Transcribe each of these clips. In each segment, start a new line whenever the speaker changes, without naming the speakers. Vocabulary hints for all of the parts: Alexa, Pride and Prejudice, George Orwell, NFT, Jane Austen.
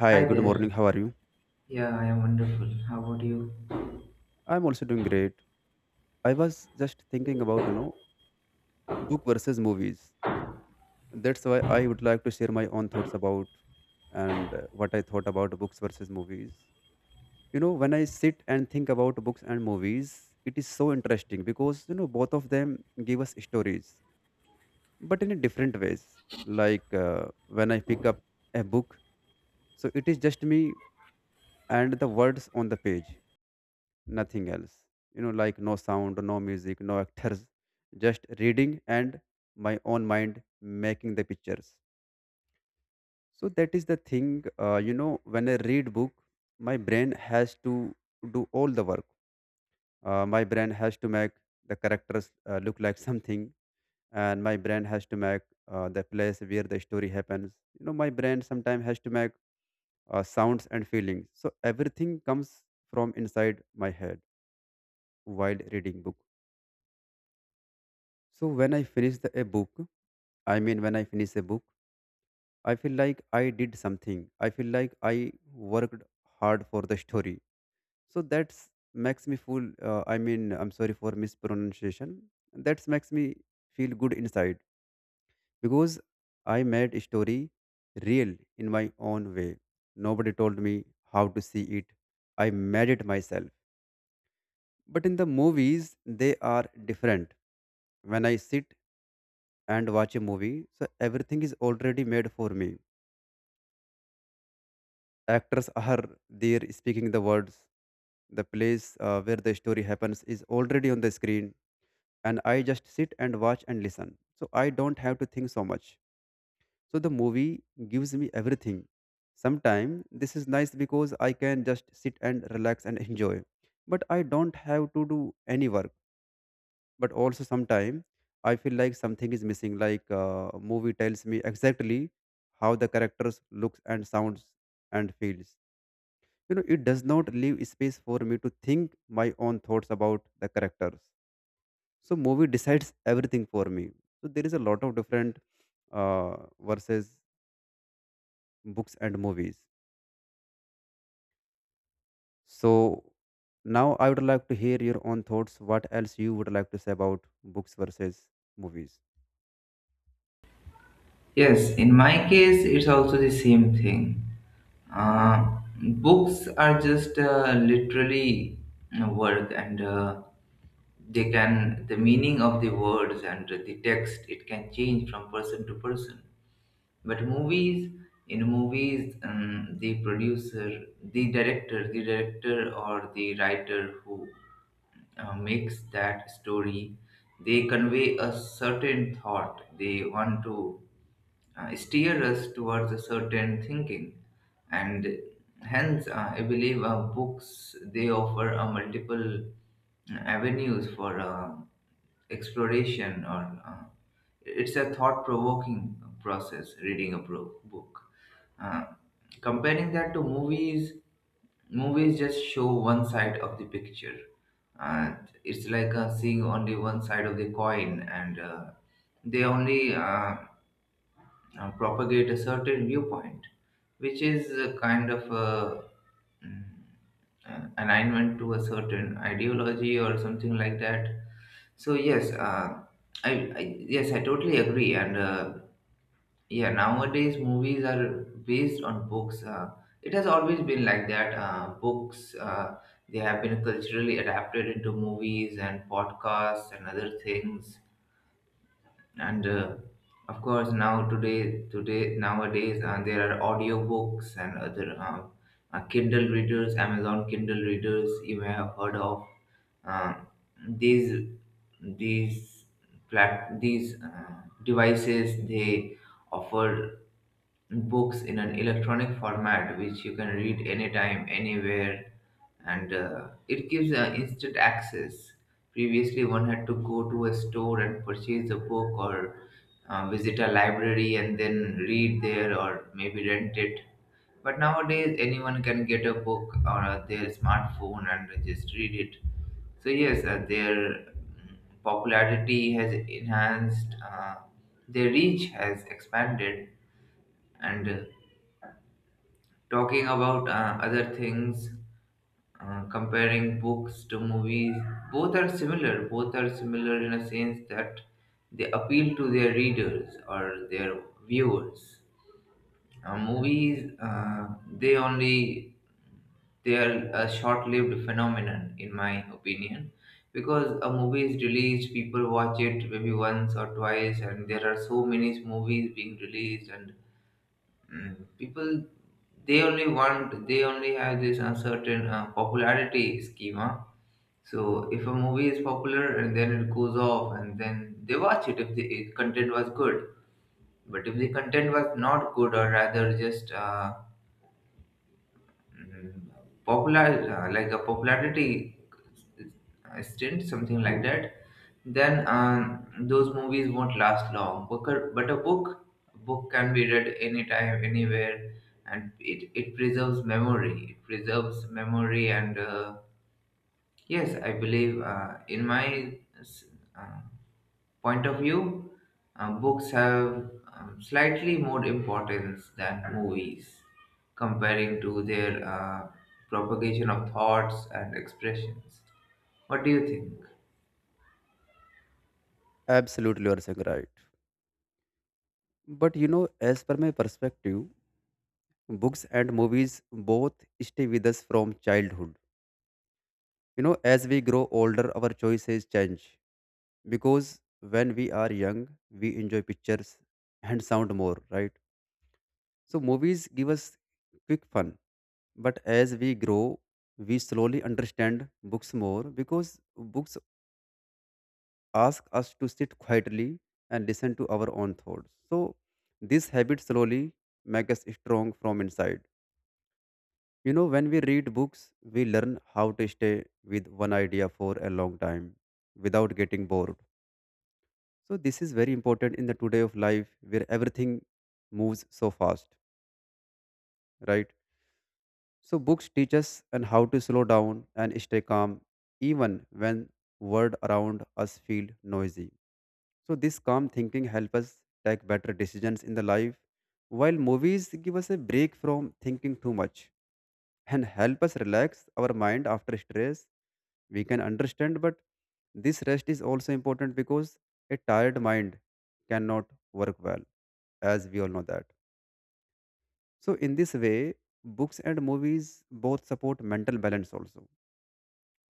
Hi,
Hi
good
there.
morning. How are you?
Yeah, I am wonderful. How about you?
I'm also doing great. I was just thinking about, you know, book versus movies. That's why I would like to share my own thoughts about and what I thought about books versus movies. You know, when I sit and think about books and movies, it is so interesting because, you know, both of them give us stories, but in a different ways. When I pick up a book, so it is just me and the words on the page nothing else. You know, like no sound, no music, no actors, just reading and my own mind making the pictures. So that is the thing. You know, when I read book, my brain has to do all the work. My brain has to make the characters look like something, and my brain has to make the place where the story happens. You know, my brain sometimes has to make sounds and feelings. So everything comes from inside my head while reading book. So when I finish a book, I mean when I finish a book, I feel like I did something. I feel like I worked hard for the story. So that's makes me feel. I mean, I'm sorry for mispronunciation. That makes me feel good inside because I made a story real in my own way. Nobody told me how to see it. I made it myself. But in the movies, they are different when I sit and watch a movie. So everything is already made for me. Actors are there speaking the words. The place where the story happens is already on the screen, and I just sit and watch and listen. So I don't have to think so much. So the movie gives me everything. Sometimes this is nice because I can just sit and relax and enjoy, but I don't have to do any work. But also sometimes I feel like something is missing like movie tells me exactly how the characters looks and sounds and feels, you know, it does not leave space for me to think my own thoughts about the characters. So movie decides everything for me. So there is a lot of different uh, versus books and movies. So now I would like to hear your own thoughts, what else you would like to say about books versus movies.
Yes, in my case, it's also the same thing. Uh, books are just literally work, and the meaning of the words and the text, it can change from person to person. But movies, in movies, the producer, the director or the writer who makes that story, they convey a certain thought. They want to steer us towards a certain thinking, and hence I believe books, they offer a multiple avenues for exploration, or it's a thought-provoking process reading book. Uh, Comparing that to movies, movies just show one side of the picture. And it's like seeing only one side of the coin, and they only propagate a certain viewpoint, which is a kind of a, mm, alignment to a certain ideology or something like that. So yes, I, I totally agree, and yeah, nowadays movies are based on books. It has always been like that. Books, they have been culturally adapted into movies and podcasts and other things. And of course, today nowadays there are audiobooks and other Kindle readers, Amazon Kindle readers. You may have heard of uh, these these these devices. They offer books in an electronic format which you can read anytime anywhere, and it gives instant access. Previously, one had to go to a store and purchase a book, or visit a library and then read there, or maybe rent it. But nowadays, anyone can get a book on their smartphone and just read it. So yes, their popularity has enhanced, their reach has expanded, and talking about other things, comparing books to movies, both are similar in a sense that they appeal to their readers or their viewers. Movies, they only, they are a short-lived phenomenon in my opinion, because a movie is released, people watch it maybe once or twice, and there are so many movies being released. And people, they only have this uncertain popularity schema. So if a movie is popular, and then it goes off, and then they watch it if the if content was good. But if the content was not good, or rather just Mm, popular, like a popularity stint, something like that, then those movies won't last long. But a book, book can be read anytime anywhere, and it preserves memory, and yes, I believe in my uh, point of view, books have slightly more importance than movies, comparing to their propagation of thoughts and expressions. What do you think?
Absolutely, you are saying right. But you know, as per my perspective, books and movies both stay with us from childhood. You know, as we grow older, our choices change because when we are young, we enjoy pictures and sound more, right? So, movies give us quick fun. But as we grow, we slowly understand books more because books ask us to sit quietly and listen to our own thoughts. So, this habit slowly makes us strong from inside. You know, when we read books, we learn how to stay with one idea for a long time without getting bored. So this is very important in the today of life where everything moves so fast, right? So books teach us and how to slow down and stay calm even when world around us feel noisy. So this calm thinking help us take better decisions in the life while movies give us a break from thinking too much and help us relax our mind after stress. We can understand, but this rest is also important because a tired mind cannot work well, as we all know that. So, in this way, books and movies both support mental balance also.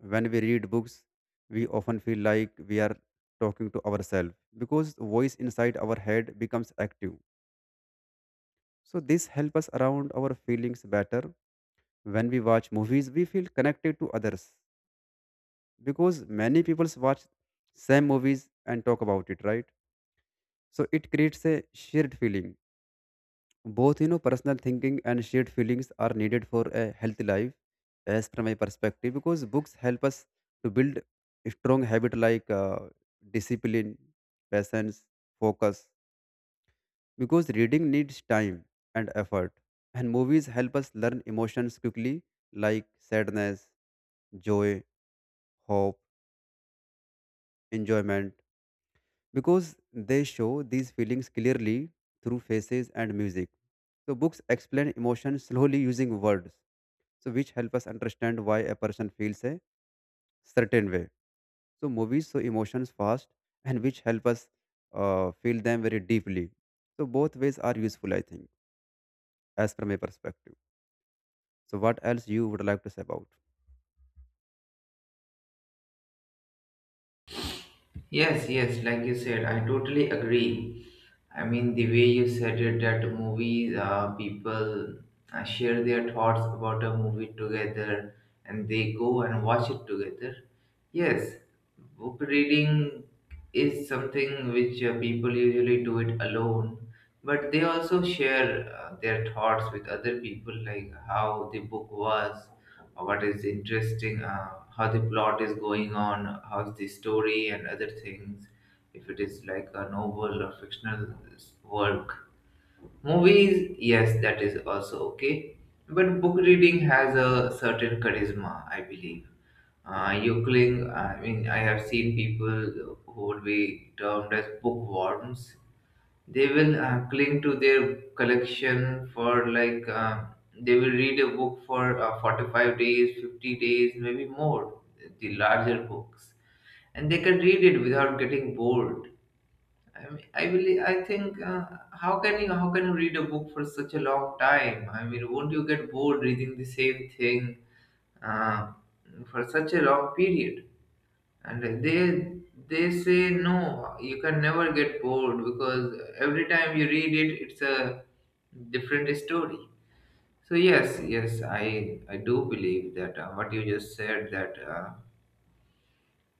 When we read books, we often feel like we are talking to ourselves because voice inside our head becomes active. So, this helps us around our feelings better. When we watch movies, we feel connected to others because many people watch same movies and talk about it, right? So it creates a shared feeling. Both, you know, personal thinking and shared feelings are needed for a healthy life as from my perspective because books help us to build a strong habit like discipline, patience, focus because reading needs time and effort, and movies help us learn emotions quickly like sadness, joy, hope, enjoyment because they show these feelings clearly through faces and music. So books explain emotions slowly using words, so which help us understand why a person feels a certain way. So movies show emotions fast and which help us feel them very deeply. So both ways are useful, I think, as from a perspective. So what else you would like to say about?
Yes, yes, like you said, I totally agree. I mean, the way you said it, that movies, people share their thoughts about a movie together and they go and watch it together. Yes, book reading is something which people usually do it alone, but they also share their thoughts with other people, like how the book was, what is interesting, how the plot is going on, how's the story and other things, if it is like a novel or fictional work. Movies, yes, that is also okay. But book reading has a certain charisma, I believe. You cling. I mean, I have seen people who would be termed as bookworms, they will cling to their collection for like they will read a book for 45 days, 50 days, maybe more, the larger books, and they can read it without getting bored. I think, how can you, how can you read a book for such a long time? I mean, won't you get bored reading the same thing uh, for such a long period? And they say, no, you can never get bored because every time you read it, it's a different story. So yes, yes, I do believe that what you just said, that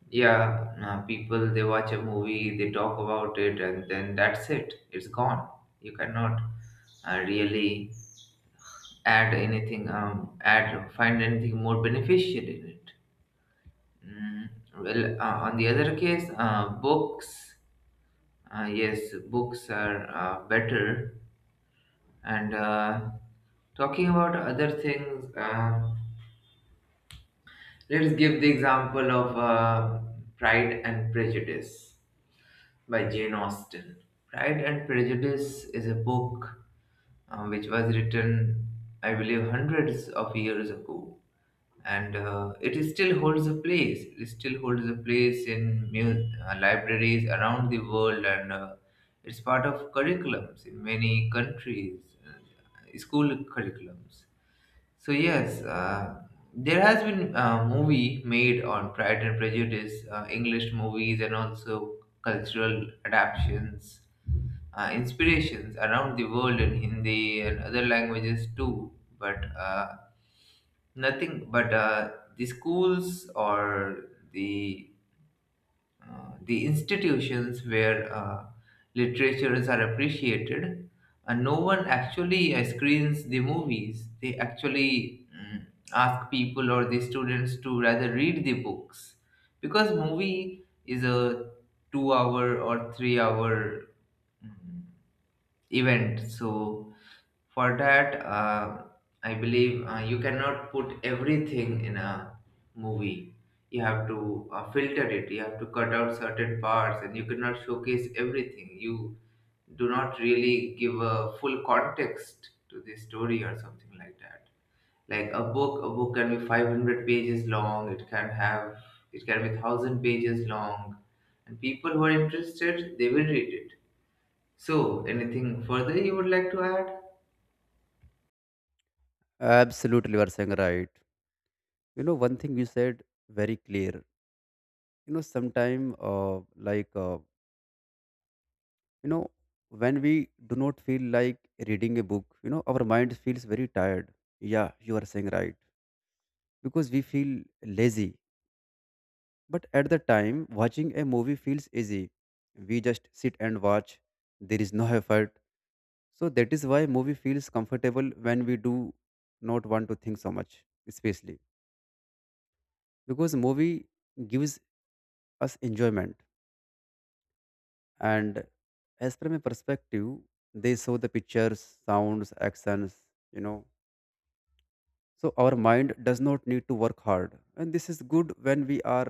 yeah, people, they watch a movie, they talk about it, and then that's it, it's gone. You cannot really add anything, add find anything more beneficial in it. mm. On the other case, books yes, books are better. And talking about other things, let's give the example of Pride and Prejudice by Jane Austen. Pride and Prejudice is a book which was written, I believe, hundreds of years ago. And it is still holds a place. It still holds a place in libraries around the world, and it's part of curriculums in many countries, school curriculums. So yes, there has been a movie made on Pride and Prejudice, English movies, and also cultural adaptations, inspirations around the world in Hindi and other languages too. But nothing but the schools, or the, the institutions where literatures are appreciated, and no one actually screens the movies. They actually ask people or the students to rather read the books because movie is a 2 hour or 3 hour, mm, event. So for that, I believe you cannot put everything in a movie. You have to filter it. You have to cut out certain parts, and you cannot showcase everything. You do not really give a full context to the story or something like that. Like a book can be 500 pages long. It can have, it can be thousand pages long, and people who are interested, they will read it. So anything further you would like to add?
Absolutely, you are saying right. You know, one thing you said very clear. You know, sometime you know when we do not feel like reading a book, you know our mind feels very tired. Yeah, you are saying right because we feel lazy, but at the time watching a movie feels easy. We just sit and watch, there is no effort. So that is why movie feels comfortable when we do not want to think so much, especially because movie gives us enjoyment. And as from a perspective, they show the pictures, sounds, actions, you know. So our mind does not need to work hard and this is good when we are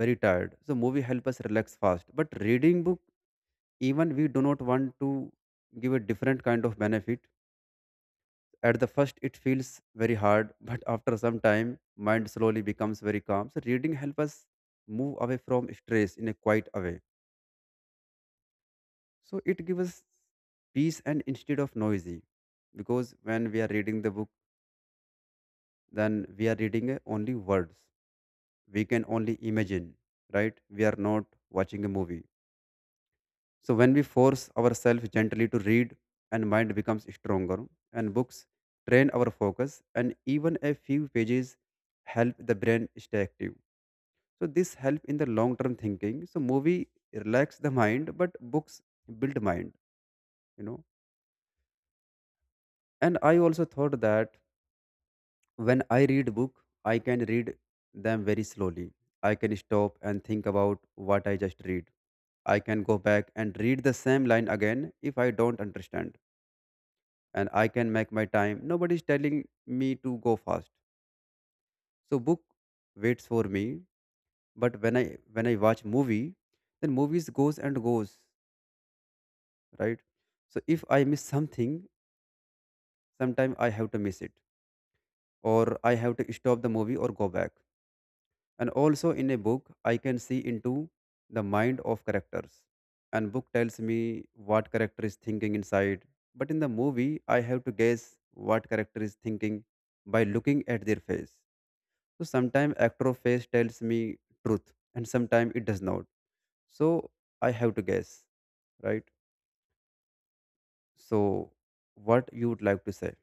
very tired. So movie help us relax fast, but reading book even we do not want to give a different kind of benefit. At the first it feels very hard but after some time mind slowly becomes very calm. So reading help us move away from stress in a quiet way. So it gives us peace and instead of noisy because when we are reading the book, then we are reading only words, we can only imagine, right? We are not watching a movie. So when we force ourselves gently to read and mind becomes stronger. And books train our focus and even a few pages help the brain stay active. So this help in the long term thinking. So movie relax the mind but books build mind, you know. And I also thought that when I read book, I can read them very slowly. I can stop and think about what I just read. I can go back and read the same line again if I don't understand. And I can make my time. Nobody's telling me to go fast. So book waits for me. But when I watch movie, then movies goes and goes, right? So if I miss something, sometime I have to miss it. Or I have to stop the movie or go back. And also in a book, I can see into the mind of characters. And book tells me what character is thinking inside. But in the movie, I have to guess what character is thinking by looking at their face. So sometimes actor face tells me truth, and sometimes it does not. So I have to guess, right? So what you would like to say?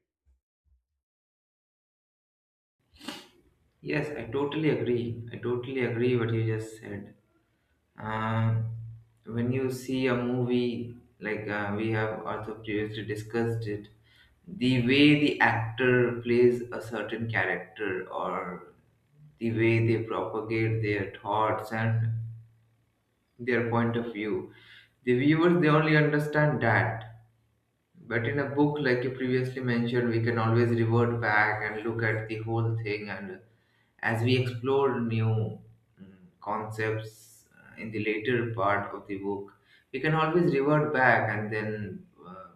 Yes, I totally agree. I totally agree what you just said. Um, when you see a movie, like we have also previously discussed it, the way the actor plays a certain character, or the way they propagate their thoughts and their point of view, the viewers, they only understand that. But in a book, like you previously mentioned, we can always revert back and look at the whole thing. And as we explore new mm, concepts in the later part of the book, we can always revert back and then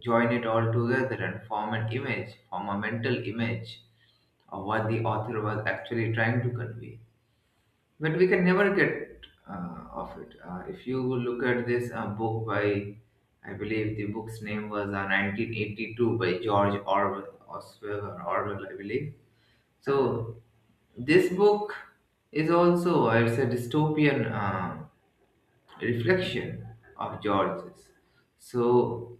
join it all together and form an image, form a mental image of what the author was actually trying to convey. But we can never get off it. If you look at this book by, I believe the book's name was 1982 by George Orwell, Oswell or Orwell, I believe. So this book is also it's a dystopian reflection of George's. So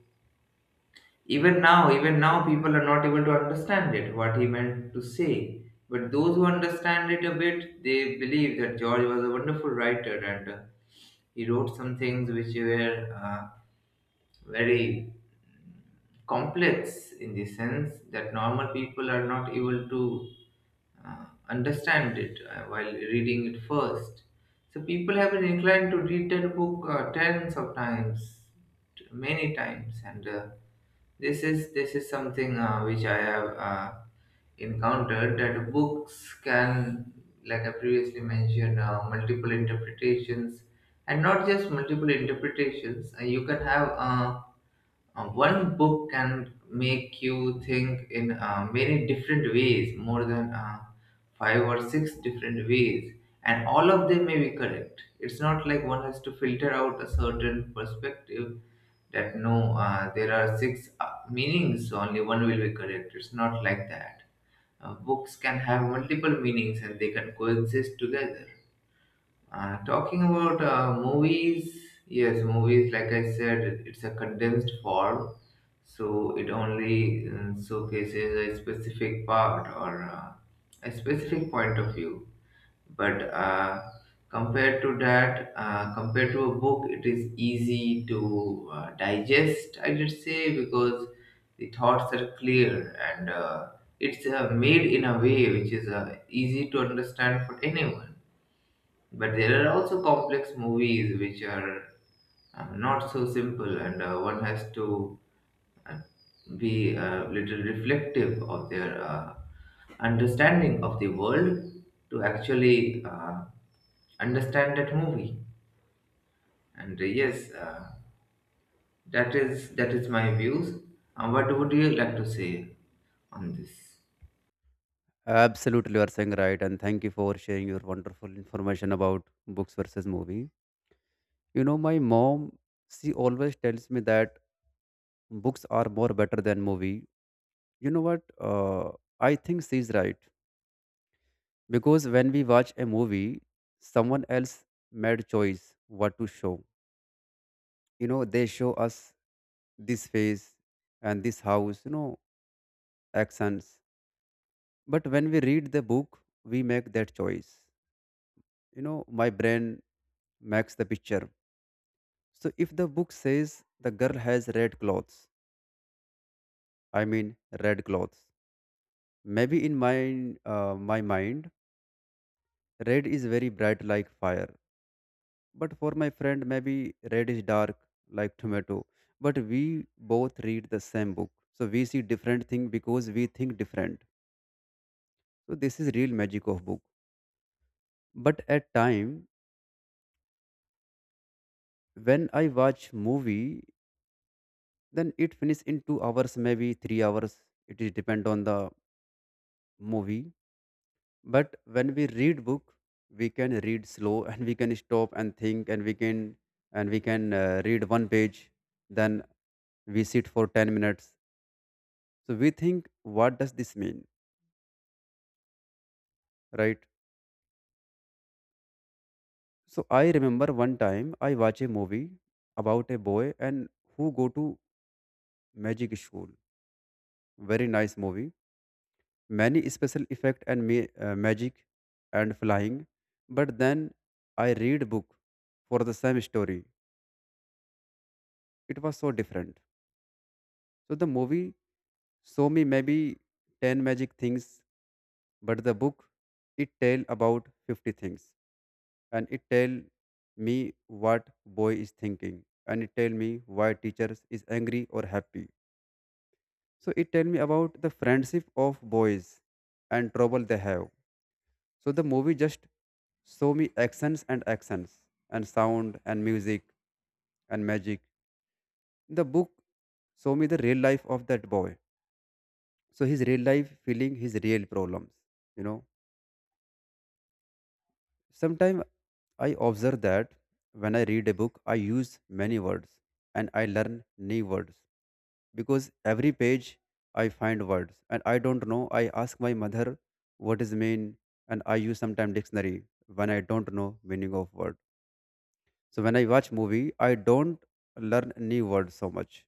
even now, people are not able to understand it, what he meant to say. But those who understand it a bit, they believe that George was a wonderful writer, and he wrote some things which were very complex, in the sense that normal people are not able to understand it while reading it first. So people have been inclined to read that book tens of times, many times, and this is something which I have encountered, that books can, like I previously mentioned, multiple interpretations, and not just multiple interpretations. You can have one book can make you think in many different ways, more than five or six different ways, and all of them may be correct. It's not like one has to filter out a certain perspective, that no, there are six meanings, only one will be correct. It's not like that. Books can have multiple meanings, and they can coexist together. Talking about movies, yes, movies, like I said, it's a condensed form, so it only showcases a specific part, or a specific point of view. But compared to a book, it is easy to digest, I should say, because the thoughts are clear, and it's made in a way which is easy to understand for anyone. But there are also complex movies which are not so simple, and one has to uh, be a little reflective of their understanding of the world to actually understand that movie. And yes, that is my views. What would you like to say on this?
Absolutely, you are saying right, and thank you for sharing your wonderful information about books versus movie. You know, my mom, she always tells me that books are more better than movie. You know what? I think she's right because when we watch a movie, someone else made choice what to show. You know, they show us this face and this house. You know, accents. But when we read the book, we make that choice. You know, my brain makes the picture. So if the book says the girl has red clothes, I mean red clothes. Maybe in my mind, red is very bright like fire. But for my friend, maybe red is dark like tomato. But we both read the same book, so we see different thing because we think different. So this is real magic of book. But at time when I watch movie, then it finish in 2 hours, maybe 3 hours. It is depend on the movie. But when we read book we can read slow and we can stop and think and we can read one page, then we sit for 10 minutes, so we think what does this mean, right? So I remember one time I watch a movie about a boy and who go to magic school, very nice movie, many special effect and magic and flying. But then I read book for the same story, it was so different. So the movie show me maybe 10 magic things, but the book, it tell about 50 things. And it tell me what boy is thinking. And it tell me why teachers is angry or happy. So it tell me about the friendship of boys and trouble they have. So the movie just show me actions and actions and sound and music and magic. The book show me the real life of that boy. So his real life feeling, his real problems, you know sometimes I observe that when I read a book, I use many words and I learn new words because every page I find words and I don't know. I ask my mother what is mean, and I use sometimes dictionary when I don't know meaning of word. So when I watch movie, I don't learn new words so much.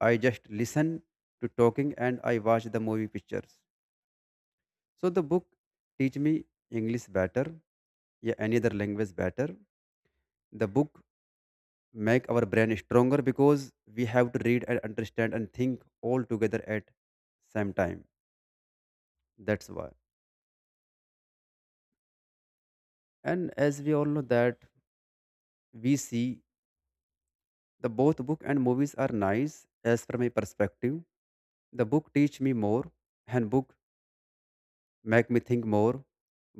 I just listen to talking and I watch the movie pictures. So the book teach me English better, yeah, any other language better. The book make our brain stronger because we have to read and understand and think all together at same time, that's why. And as we all know that, we see the both book and movies are nice. As from my perspective, the book teach me more, and book make me think more.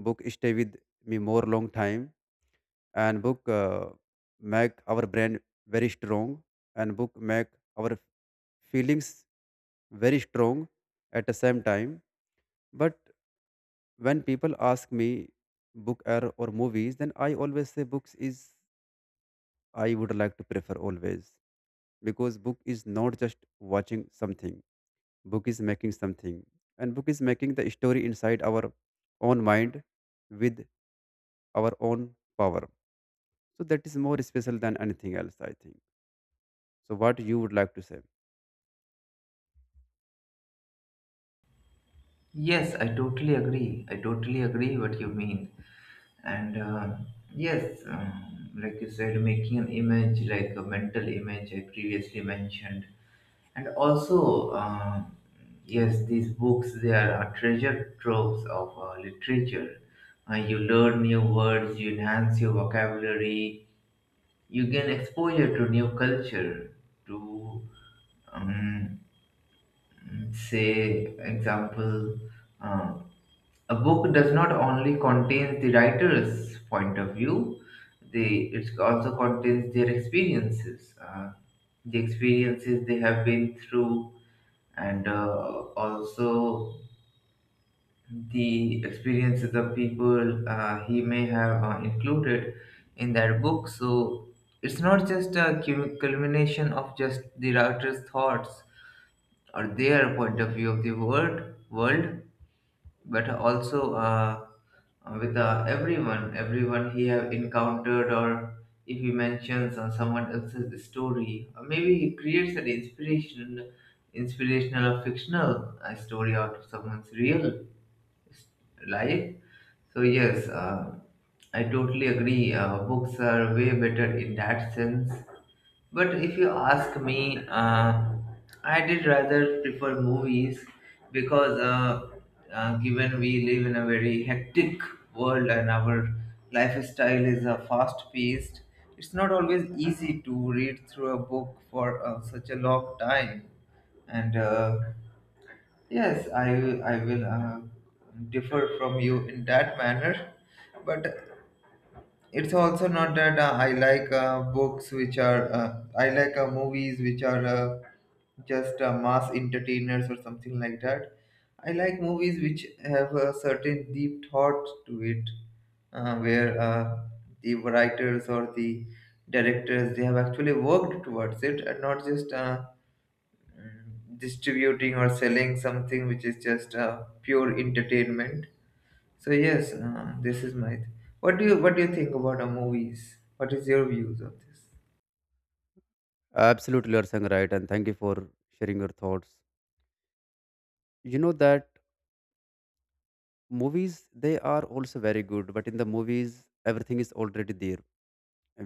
Book stay with me more long time, and book make our brain very strong, and book make our feelings very strong at the same time. But when people ask me book or movies, then I always say books is I would like to prefer always, because book is not just watching something, book is making something. And book is making the story inside our own mind with our own power. So that is more special than anything else, I think. So what you would like to say?
Yes, I totally agree. I totally agree what you mean. And yes, like you said, making an image, like a mental image I previously mentioned. And also, yes, these books, they are a treasure troves of literature. You learn new words, you enhance your vocabulary, you gain exposure to new culture, to um, say, example, uh, a book does not only contain the writer's point of view, they it also contains their experiences, the experiences they have been through, and also the experiences of people he may have included in that book. So it's not just a culmination of just the writer's thoughts or their point of view of the world, but also with everyone he have encountered, or if he mentions on someone else's story, or maybe he creates an inspiration, inspirational or fictional story out of someone's real s- life. So yes, I totally agree. Books are way better in that sense, but if you ask me, I did rather prefer movies because, given we live in a very hectic world and our lifestyle is fast paced, it's not always easy to read through a book for such a long time. And yes, I will differ from you in that manner. But it's also not that I like movies which are just mass entertainers or something like that. I like movies which have a certain deep thought to it, where the writers or the directors, they have actually worked towards it, and not just distributing or selling something which is just pure entertainment. So yes, this is my. What do you think about movies? What is your views of this?
Absolutely, you're saying right, and thank you for sharing your thoughts. You know that movies, they are also very good, but in the movies everything is already there.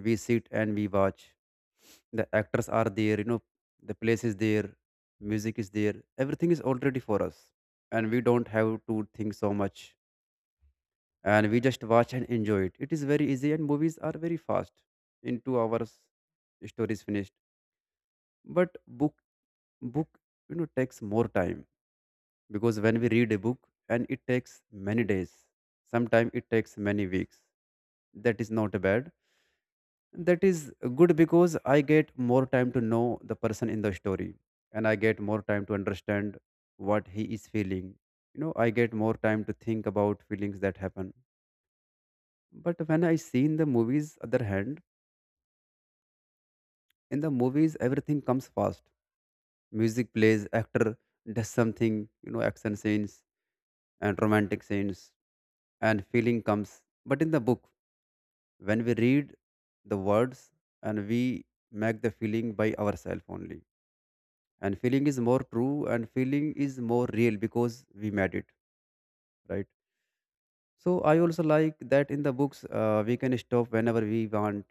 We sit and we watch. The actors are there, you know, the place is there, music is there, everything is already for us, and we don't have to think so much. And we just watch and enjoy it. It is very easy, and movies are very fast. In 2 hours story is finished. But book, book, you know, takes more time, because when we read a book and it takes many days, sometimes it takes many weeks. That is not bad, that is good, because I get more time to know the person in the story, and I get more time to understand what he is feeling. You know, I get more time to think about feelings that happen. But when I see in the movies other hand, in the movies everything comes fast. Music plays, actor does something, you know, action scenes and romantic scenes and feeling comes. But in the book, when we read the words and we make the feeling by ourselves only. And feeling is more true and feeling is more real because we made it, right? So I also like that in the books, we can stop whenever we want.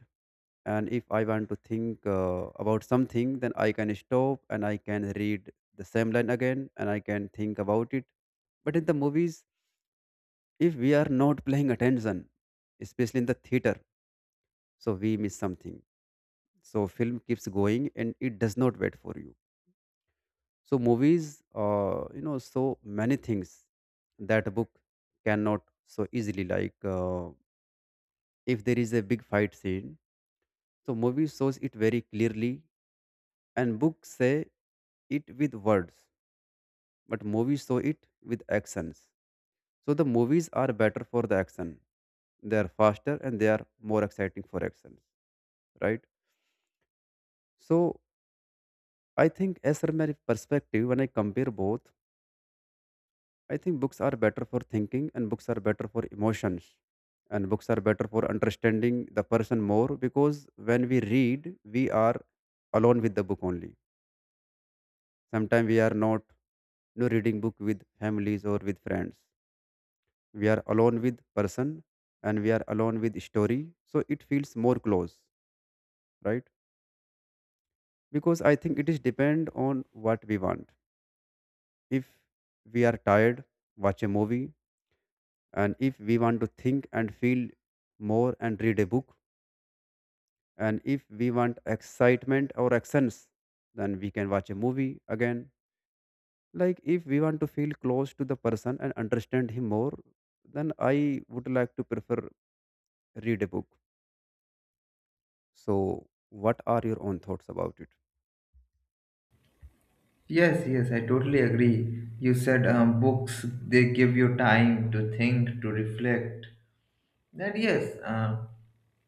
And if I want to think about something, then I can stop and I can read the same line again and I can think about it. But in the movies, if we are not paying attention, especially in the theater, so we miss something. So film keeps going and it does not wait for you. So movies, you know, so many things that book cannot so easily. Like if there is a big fight scene, so movie shows it very clearly, and books say it with words, but movies show it with actions. So the movies are better for the action. They are faster and they are more exciting for actions, right? So I think as from my perspective, when I compare both, I think books are better for thinking and books are better for emotions, and books are better for understanding the person more, because when we read we are alone with the book only. Sometimes we are not, you know, reading book with families or with friends. We are alone with person and we are alone with story. So it feels more close, right? Because I think it is depend on what we want. If we are tired, watch a movie. And if we want to think and feel more and read a book. And if we want excitement or actions, then we can watch a movie again. Like if we want to feel close to the person and understand him more, then I would like to prefer read a book. So what are your own thoughts about it?
Yes, yes, I totally agree. You said books, they give you time to think, to reflect. Then yes,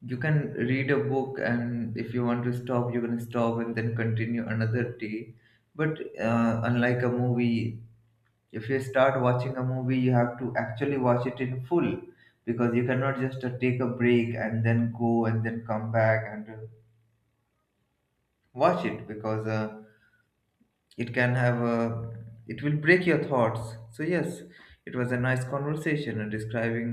you can read a book, and if you want to stop, you can stop and then continue another day. But unlike a movie, if you start watching a movie, you have to actually watch it in full, because you cannot just take a break and then go and then come back and watch it because. It can have a, it will break your thoughts. So yes, it was a nice conversation and describing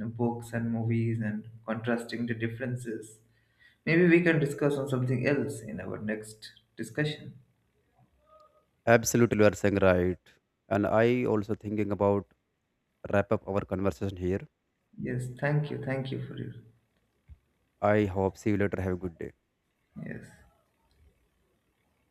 books and movies and contrasting the differences. Maybe we can discuss on something else in our next discussion.
Absolutely, you are saying right, and I also thinking about wrap up our conversation here.
Yes, thank you, thank you for your.
I hope see you later. Have a good day.
Yes.